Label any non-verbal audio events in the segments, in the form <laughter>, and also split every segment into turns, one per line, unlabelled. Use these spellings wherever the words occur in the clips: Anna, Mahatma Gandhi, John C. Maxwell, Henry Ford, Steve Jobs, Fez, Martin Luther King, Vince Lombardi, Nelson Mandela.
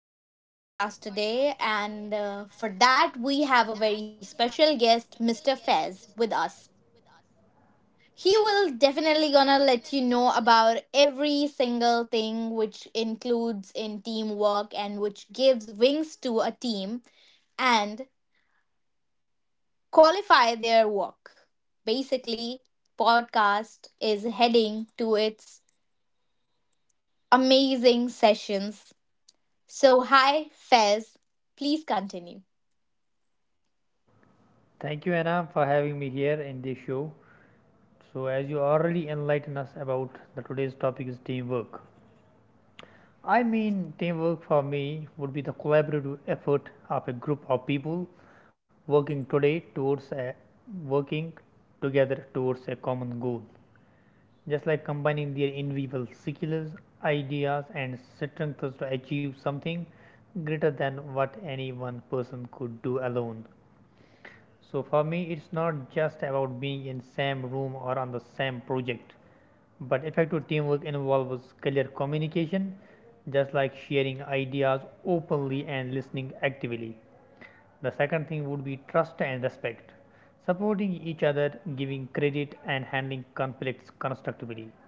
our podcast today, and for that, we have a very special guest, Mr. Fez, with us. He will definitely gonna let you know about every single thing which includes in teamwork and which gives wings to a team and qualify their work. Basically, podcast is heading to its amazing sessions. So, hi, Fez. Please continue.
Thank you, Anam, for having me here in this show. So, as you already enlightened us about the today's topic is teamwork. I mean, teamwork for me would be the collaborative effort of a group of people working today towards a, working together towards a common goal. Just like combining their individual skills, ideas, and strengths to achieve something greater than what any one person could do alone. So for me, it's not just about being in same room or on the same project, but effective teamwork involves clear communication, just like sharing ideas openly and listening actively. The second thing would be trust and respect, supporting each other, giving credit, and handling conflicts constructively.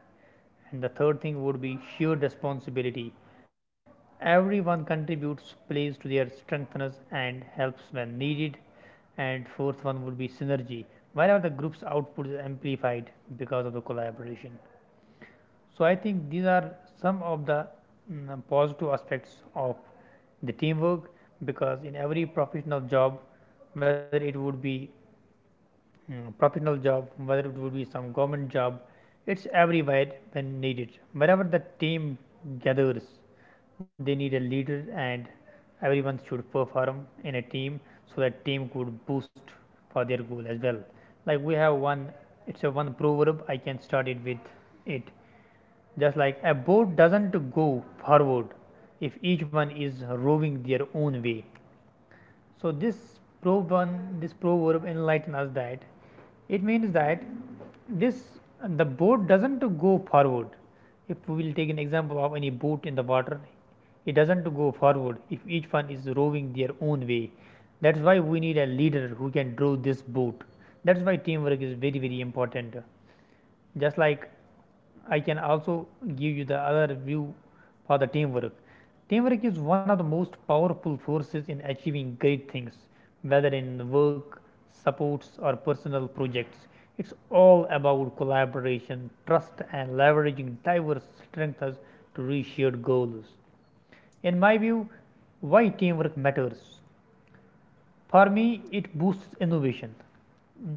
And the third thing would be shared responsibility, everyone contributes, plays to their strengths, and helps when needed. And fourth one would be synergy, wherever the group's output is amplified because of the collaboration. So I think these are some of the positive aspects of the teamwork because in every professional job, whether it would be professional job, whether it would be some government job, it's everywhere when needed. Wherever the team gathers, they need a leader, and everyone should perform in a team so that team could boost for their goal as well. Like we have one, it's a one proverb. I can start it with it. Just like a boat doesn't go forward if each one is rowing their own way. So probe one, this probe will enlighten us that it means that this the boat doesn't go forward. If we will take an example of any boat in the water, it doesn't go forward if each one is rowing their own way. That's why we need a leader who can row this boat. That's why teamwork is very very important. Just like I can also give you the other view for the teamwork. Teamwork is one of the most powerful forces in achieving great things, whether in work, supports, or personal projects. It's all about collaboration, trust, and leveraging diverse strengths to reach shared goals. In my view, why teamwork matters. For me, it boosts innovation.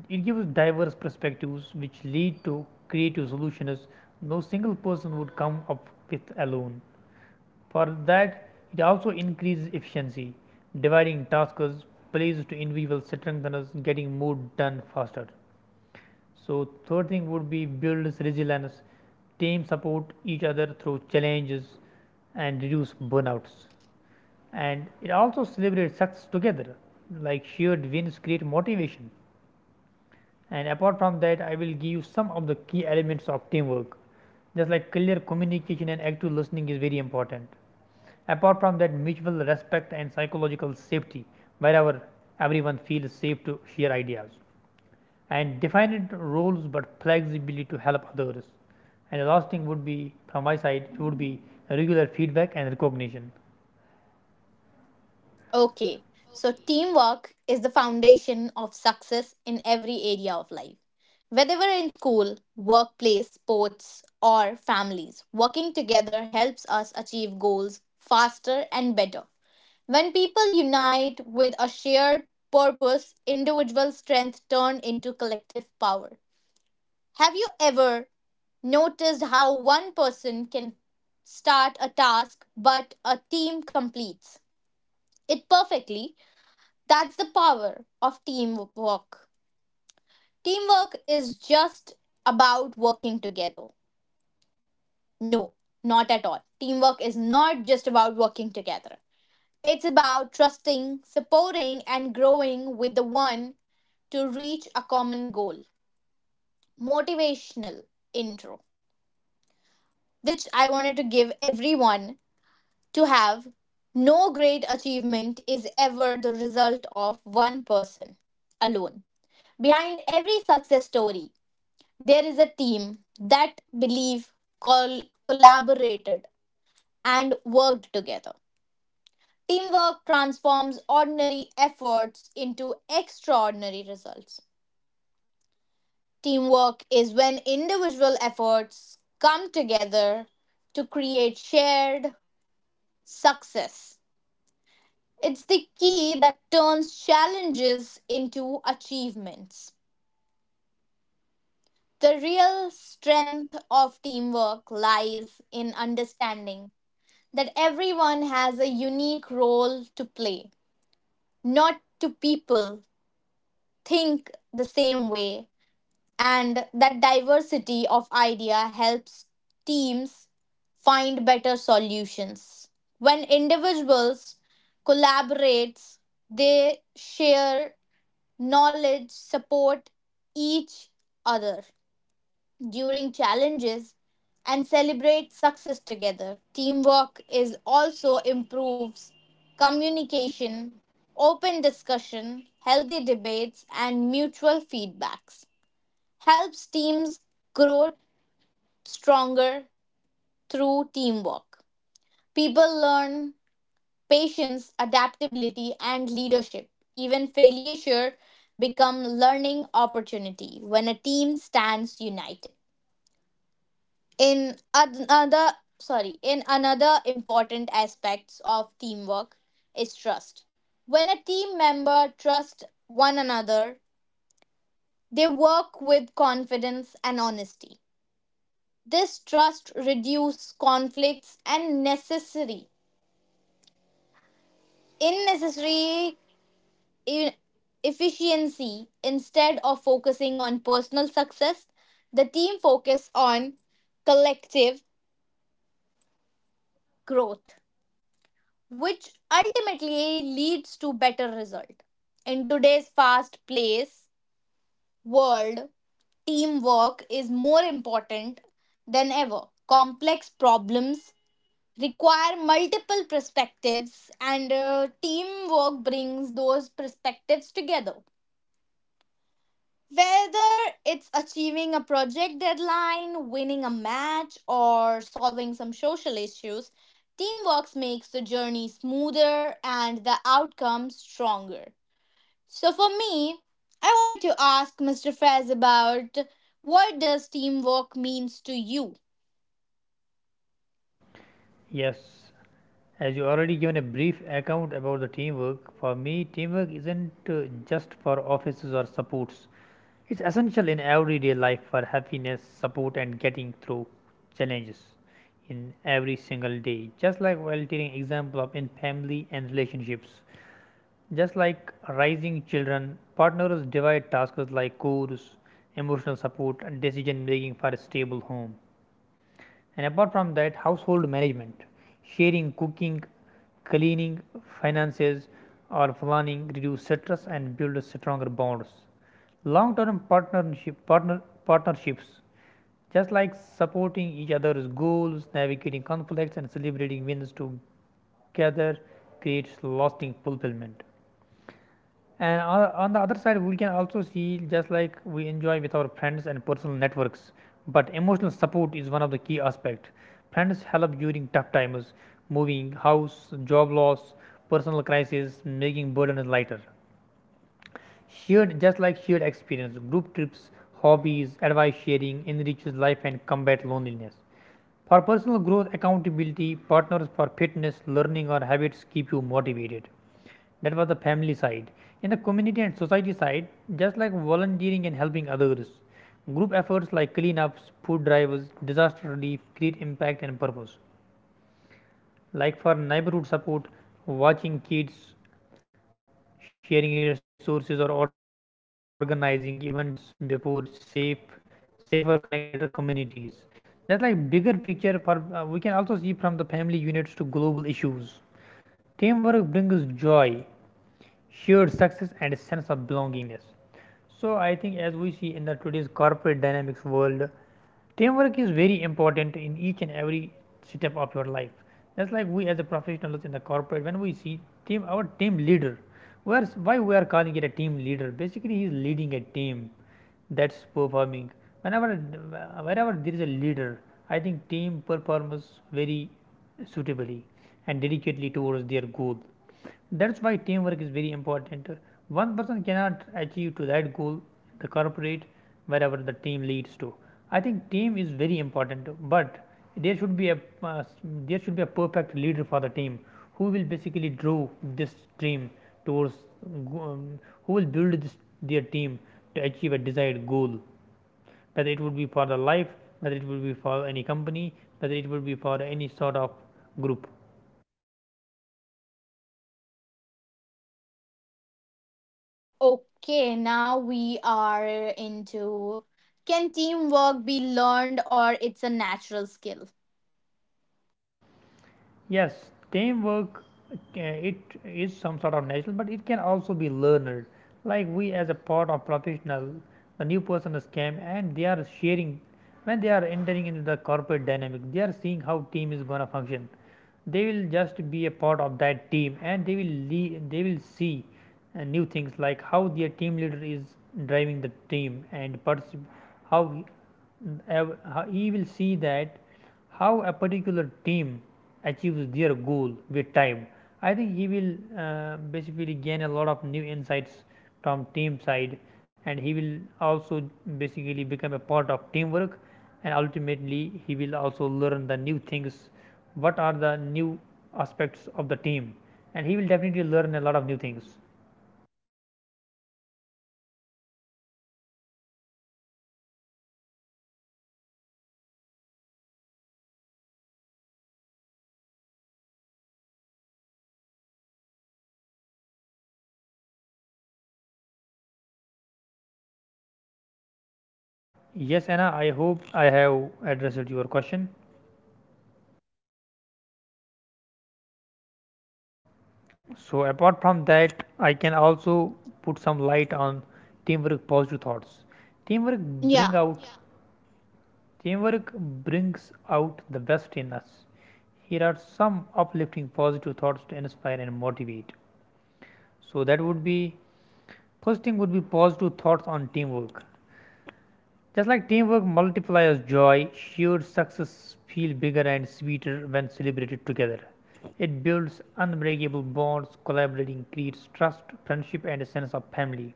It gives diverse perspectives which lead to creative solutions no single person would come up with alone. For that, it also increases efficiency, dividing tasks, plays to individual strength and getting more done faster. So, third thing would be builds resilience. Teams support each other through challenges and reduce burnouts, and it also celebrates success together like shared wins create motivation. And apart from that, I will give you some of the key elements of teamwork. Just like clear communication and active listening is very important. Apart from that, mutual respect and psychological safety wherever everyone feels safe to share ideas, and definite roles but flexibility to help others. And the last thing would be, from my side, it would be regular feedback and recognition.
Okay, so teamwork is the foundation of success in every area of life. Whether we're in school, workplace, sports, or families, working together helps us achieve goals faster and better. When people unite with a shared purpose, individual strength turns into collective power. Have you ever noticed how one person can start a task but a team completes it perfectly? That's the power of teamwork. Teamwork is just about working together. No, not at all. Teamwork is not just about working together. It's about trusting, supporting, and growing with the one to reach a common goal. Motivational intro, which I wanted to give everyone to have. No great achievement is ever the result of one person alone. Behind every success story, there is a team that believe, collaborated, and worked together. Teamwork transforms ordinary efforts into extraordinary results. Teamwork is when individual efforts come together to create shared success. It's the key that turns challenges into achievements. The real strength of teamwork lies in understanding that everyone has a unique role to play. Not two people think the same way, and that diversity of idea helps teams find better solutions when individuals collaborate, they share knowledge, support each other during challenges, and celebrate success together. Teamwork is also improves communication, open discussion, healthy debates, and mutual feedbacks helps teams grow stronger. Through teamwork, people learn patience, adaptability, and leadership. Even failure become learning opportunity when a team stands united. In another in another important aspects of teamwork is trust. When a team member trusts one another, they work with confidence and honesty. This trust reduces conflicts and necessary unnecessary necessary e- efficiency. Instead of focusing on personal success, the team focus on collective growth, which ultimately leads to better result. In today's fast paced world, teamwork is more important than ever. Complex problems require multiple perspectives, and teamwork brings those perspectives together. Whether it's achieving a project deadline, winning a match, or solving some social issues, teamwork makes the journey smoother and the outcome stronger. So, for me, I wanted to ask Mr. Fez about, what does teamwork means to you?
Yes. As you already given a brief account about the teamwork, for me, teamwork isn't just for offices or supports. It's essential in everyday life for happiness, support, and getting through challenges in every single day. Just like volunteering example of in family and relationships. Just like raising children, partners divide tasks like chores, emotional support, and decision making for a stable home. And apart from that, household management, sharing cooking, cleaning, finances, or planning reduce stress and build stronger bonds. Long term partnerships, just like supporting each other's goals, navigating conflicts and celebrating wins together creates lasting fulfillment. And on the other side, we can also see, just like we enjoy with our friends and personal networks, but emotional support is one of the key aspects. Friends help during tough times, moving house, job loss, personal crisis, making burden lighter. Just like shared experience, group trips, hobbies, advice sharing enriches life and combat loneliness. For personal growth, accountability, partners for fitness, learning, or habits keep you motivated. That was the family side. In the community and society side, just like volunteering and helping others, group efforts like cleanups, food drives, disaster relief create impact and purpose. Like for neighborhood support, watching kids, sharing resources or organizing events before safe safer connected communities. That's like bigger picture for, we can also see from the family units to global issues teamwork brings joy, shared success and a sense of belongingness. So, I think as we see in the today's corporate dynamics world, teamwork is very important in each and every step of your life. Just like we as a professionals in the corporate, when we see team, our team leader, where's why we are calling it a team leader? Basically, he is leading a team that's performing. Whenever, wherever there is a leader, I think team performs very suitably and dedicatedly towards their goal. That's why teamwork is very important. One person cannot achieve to that goal in the corporate. Wherever the team leads to, I think team is very important. But there should be a uh, there should be a perfect leader for the team who will basically draw this team towards, um, who will build this their team to achieve a desired goal, whether it would be for the life, whether it would be for any company, whether it would be for any sort of group.
Okay, now we are into, can teamwork be learned or it's a natural skill?
Yes, teamwork, it is some sort of natural, but it can also be learned. Like we as a part of professional, the new person is came and they are sharing when they are entering into the corporate dynamic, they are seeing how team is gonna function. They will just be a part of that team, and they will they will see new things like how their team leader is driving the team and how he, how he will see that how a particular team achieves their goal with time. I think he will basically gain a lot of new insights from team side, and he will also basically become a part of teamwork, and ultimately he will also learn the new things. What are the new aspects of the team, and he will definitely learn a lot of new things. Yes, Anna, I hope I have addressed your question. So
Have
apart
you
from that,
ever.
I can also put some light on teamwork positive thoughts. Teamwork bring
Yeah.
out teamwork brings out the best in us. Here are some uplifting positive thoughts to inspire and motivate. So that would be, first thing would be positive thoughts on teamwork. Just like teamwork multiplies joy, shared success feels bigger and sweeter when celebrated together. It builds unbreakable bonds, collaborating creates trust, friendship, and a sense of family.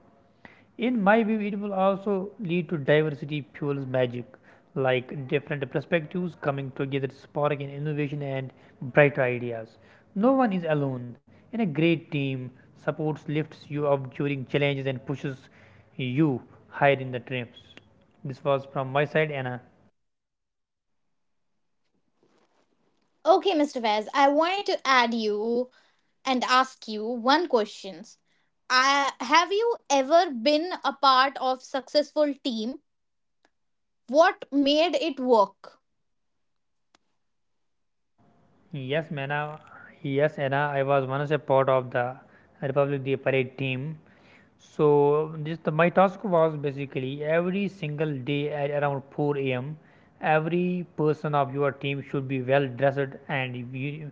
In my view, it will also lead to diversity fuels magic, like different perspectives coming together, sparking innovation and brighter ideas. No one is alone, and a great team supports, lifts you up during challenges, and pushes you higher in the triumphs. This was from my side, Anna.
Okay, Mr. Fez, I wanted to add you and ask you one question. I, have you ever been a part of successful team? What made it work?
Yes, Mena. Yes, Anna. I was once a part of the Republic Day parade team. So my task was basically every single day at around 4 a.m. Every person of your team should be well dressed and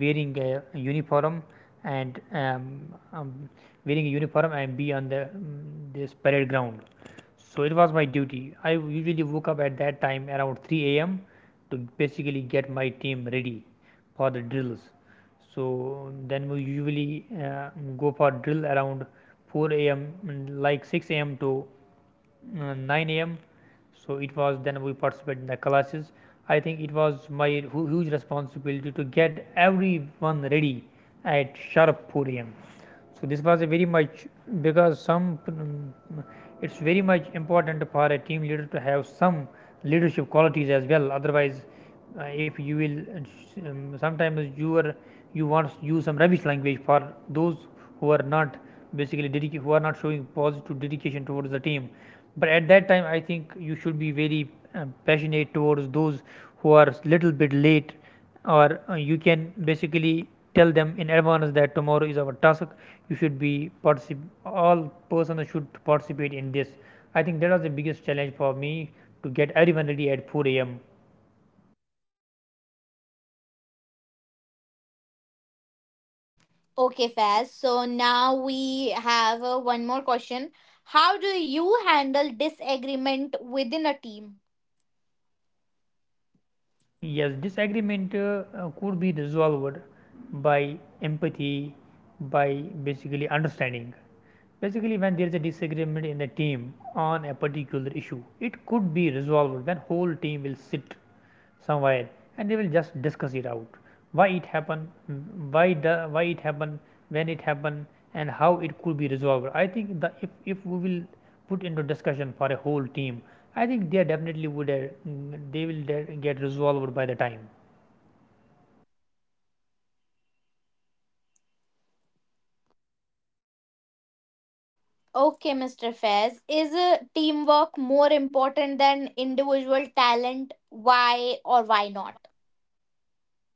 wearing a uniform and um, wearing a uniform and be on the this parade ground. So it was my duty. I usually woke up at that time around 3 a.m. to basically get my team ready for the drills. So then we usually, go for drill around 4 a.m. Like 6 a.m. to 9 a.m. So it was then we participate in the classes. I think it was my huge responsibility to get everyone ready at sharp 4 a.m. So this was a very much, because some it's very much important for a team leader to have some leadership qualities as well. Otherwise, if you will, sometimes you are, you want to use some rubbish language for those who are not basically who are not showing positive dedication towards the team. But at that time, I think you should be very, passionate towards those who are little bit late, or you can basically tell them in advance that tomorrow is our task. You should be all persons should participate in this. I think that was the biggest challenge for me, to get everyone ready at 4 a.m.
Okay, Faz. So now we have one more question. How do you handle disagreement within a team?
Yes, disagreement could be resolved by empathy, by basically understanding. Basically, when there is a disagreement in the team on a particular issue, it could be resolved when whole team will sit somewhere and they will just discuss it out. Why it happened, why it happened, when it happened, and how it could be resolved. I think that if we will put into discussion for a whole team, I think they definitely would, get resolved by the time.
Okay, Mr. Fez, is teamwork more important than individual talent? Why or why not?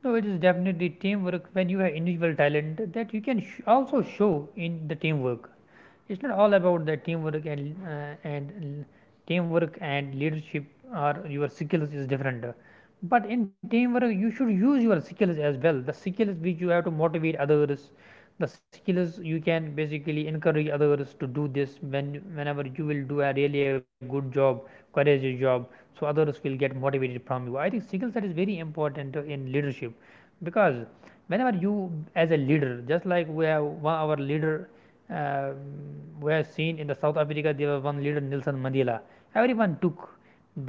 So it is definitely teamwork when you have individual talent that you can also show in the teamwork. It's not all about the teamwork and teamwork and leadership or your skills is different. But in teamwork you should use your skills as well, the skills which you have to motivate others, the skills you can basically encourage others to do this when whenever you will do a really a good job, courageous job, so others will get motivated from you. I think skill set is very important in leadership, because whenever you, as a leader, just like we have one, our leader, um, we have seen in the South Africa there was one leader Nelson Mandela. Everyone took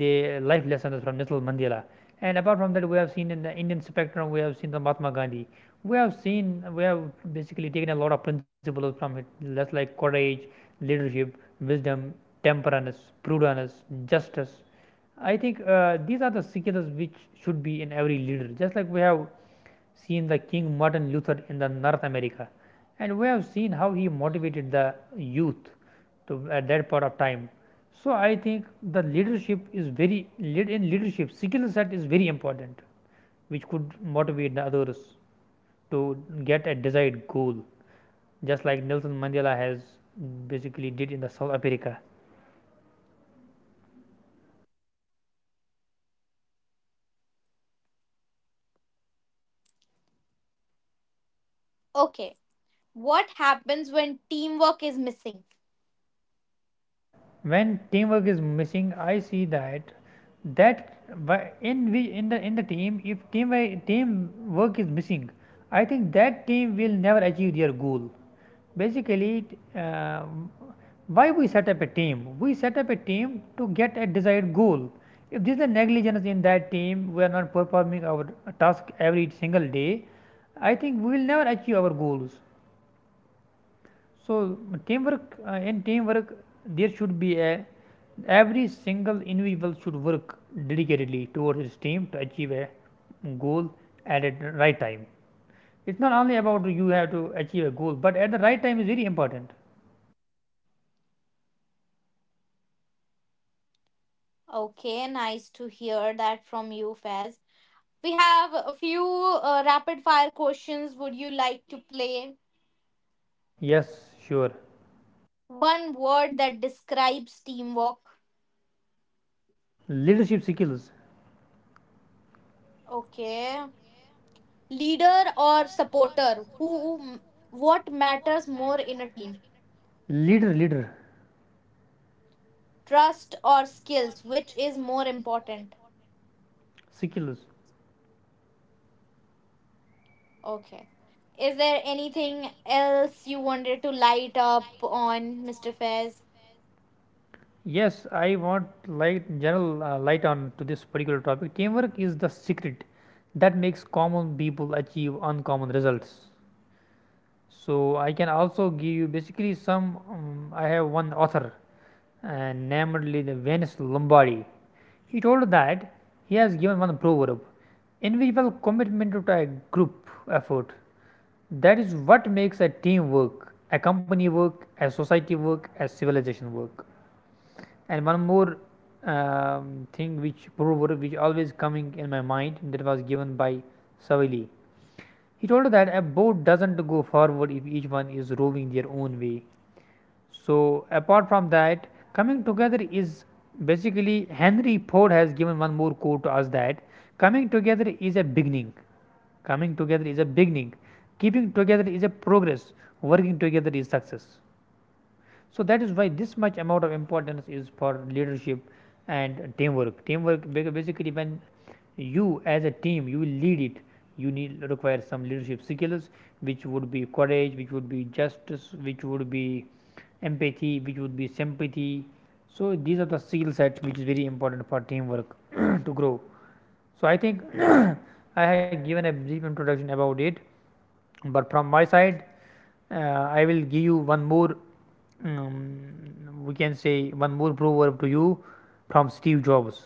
the life lessons from Nelson Mandela. And apart from that, we have seen in the Indian spectrum, we have seen the Mahatma Gandhi. We have basically taken a lot of principles from it, just like courage, leadership, wisdom, temperance, prudence, justice. I think these are the skills which should be in every leader. Just like we have seen the King Martin Luther in the North America, and we have seen how he motivated the youth to at that part of time. So I think the leadership is very leadership skill set is very important, which could motivate the others to get a desired goal, just like Nelson Mandela has basically did in the South Africa.
Okay, what happens when teamwork is missing?
When teamwork is missing, I see that that in we in the team, if team team work is missing, I think that team will never achieve their goal. Basically, uh, why we set up a team, we set up a team to get a desired goal. If there is a negligence in that team, we are not performing our task every single day, I think we will never achieve our goals. So teamwork, in teamwork there should be a, every single individual should work dedicatedly towards his team to achieve a goal at a right time. It's not only about you have to achieve a goal, but at the right time is very important.
Okay, nice to hear that from you, Fez. We have a few rapid fire questions. Would you like to play?
Yes, sure.
One word that describes teamwork.
Leadership skills,
Okay, leader or supporter? Who, what matters more in a team?
leader, leader
Trust or skills, which is more important?
skills.
Okay, is there anything else you wanted to light up on, Mr. Fez?
Yes, I want light general light on to this particular topic. Teamwork is the secret that makes common people achieve uncommon results. So I can also give you basically some. I have one author, and namely the Venus Lombardi. He told that, he has given one proverb: individual commitment to a group effort. That is what makes a team work, a company work, a society work, a civilization work. And one more um, thing, which proverb which always coming in my mind, that was given by Savili. He told that a boat doesn't go forward if each one is rowing their own way. So apart from that, coming together is, basically Henry Ford has given one more quote to us that coming together is a beginning. Coming together is a beginning. Keeping together is a progress. Working together is success. So that is why this much amount of importance is for leadership and teamwork, basically when you as a team you will lead it, you need require some leadership skills, which would be courage, which would be justice, which would be empathy, which would be sympathy. So these are the skill set which is very important for teamwork <clears throat> <coughs> to grow. So, I think <clears throat> <coughs> I have given a brief introduction about it, but from my side, I will give you one more um, we can say one more proverb to you from Steve Jobs.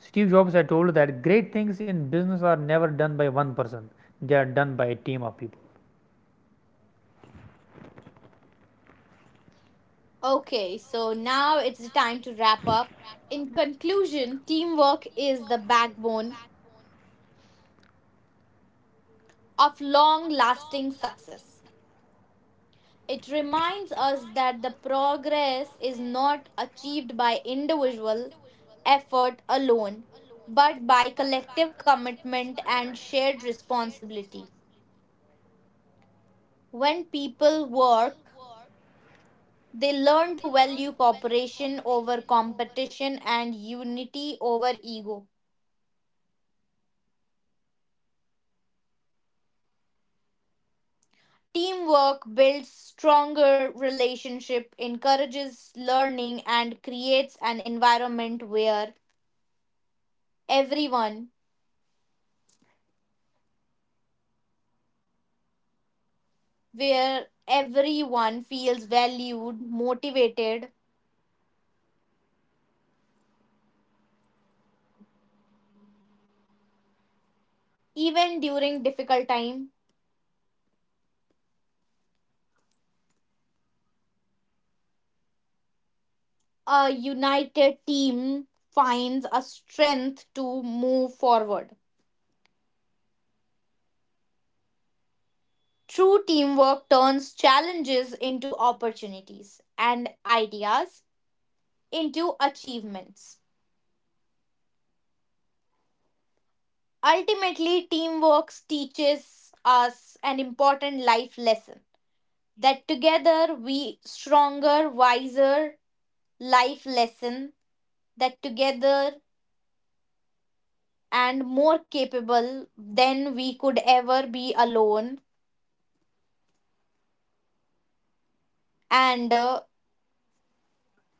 Steve Jobs had told that great things in business are never done by one person, they are done by a team of people.
Okay, so now it's time to wrap up. In conclusion, teamwork is the backbone of long lasting success. It reminds us that the progress is not achieved by individual effort alone, but by collective commitment and shared responsibility. When people work, they learn to value cooperation over competition and unity over ego.
Yes, of course.
Teamwork builds stronger relationship, encourages learning and
So, Anna
creates
has
an
given us a brief
environment
account
where
about the leadership
everyone
and the teamwork aspects, but from my side, the closure of this
where
beautiful podcast
everyone
would
feels
be
valued,
the lines of
motivated
John M.C. Maxwell. He told that the truth is that teamwork is at the heart of great achievement.
even during
I
difficult
again will
time.
remember this, I will recall it. The truth is that teamwork is at the heart of great achievement.
A
So,
united
I think
team
this was
finds a
all about for
strength
my
to
side.
move
I hope
forward.
Anna you have enjoyed this podcast and our viewers will also <clears throat> <coughs> enjoy this.
True teamwork turns challenges into
Hello Anna.
opportunities and ideas into achievements.
So I have basically
Ultimately, teamwork
given
teaches
a brief
us an
account about
important life lesson that
the
together
teamwork.
we
So
stronger,
teamwork is very
wiser,
important in current
life
today's,
lesson
in the
that
generation of
together
AI and technological advancements.
and more
But
capable
wherever we
than
see
we
lag
could
in
ever be
AI,
alone,
wherever we see lag in one person skill, there comes
and
to there comes teamwork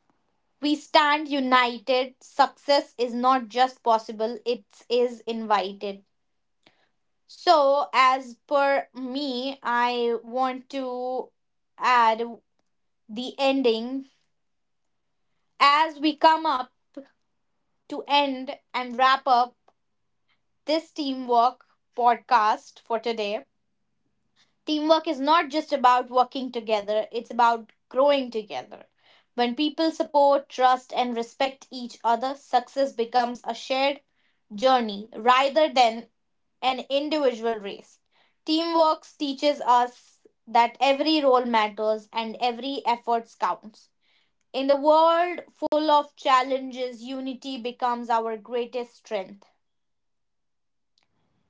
in
we
play,
stand
because
united.
teamwork is very important.
Success is
Without
not
team,
just possible, it
basically
is
team
invited.
can achieve that much amount of
So,
success
as per
which
me,
individual can never
I want
basically come up
to
with.
add
I
the
think I ho- I
ending.
have given a brief account about
As we come
the
up
teamwork.
to
Anna,
end and wrap up this teamwork podcast for today, teamwork is not just about working together, it's about growing together.
so
When
I
people
hope
support, trust,
that
and respect
Anna
each
has
other,
also
success
he-
becomes a
here
shared
to me,
journey
so that
rather than
we can
and
conclude this
individual race.
session.
Teamwork teaches
So
us
apart from
that
that,
every role
I
matters
can
and
also
every effort
basically
counts.
give you
In the
some of the
world
aspects of
full of challenges, unity
teamwork.
becomes our
Teamwork is
greatest strength
basically teamwork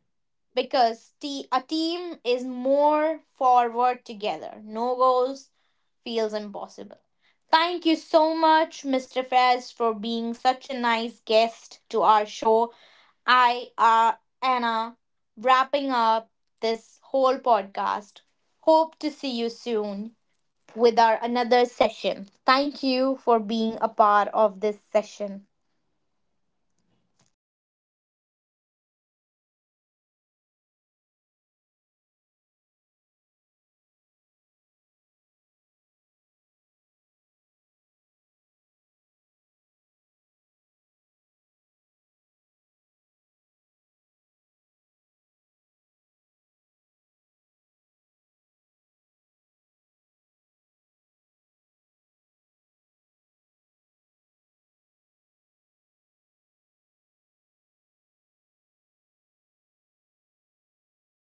not
because
only
a
enlightens us
team is more
how a team
forward
could function.
together. No goals
But it
feels
enlightened us
impossible.
always that
Thank you so
how a
much, Mr.
team
Fez,
should
for being
function to
such a
lead
nice guest
his
to our show.
whole
I
team to
are
achieve a
Anna,
desired goal.
wrapping
I
up
think that is the
this
motive of
whole
every team.
podcast.
Otherwise,
Hope to see you
without
soon
any goal,
with our
I
another
think
session.
there
Thank
is no
you
team
for
in the
being a
world who
part
is
of
without
this
goal.
session.
Wherever we see teams, there is any goal. So goal is very important. Basically in the corporate jobs we usually see there is a one team, and it's a there is a team leader. The team leader's role is always to lead his team. That's why they want to uh, address, they want to basically join a particular team, and that's why he made a team to basically win over its his goals. So that's why, team is teamwork is very important.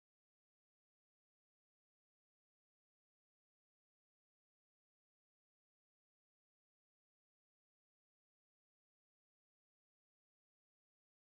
Mm, so I can also add some points to it that, but some serious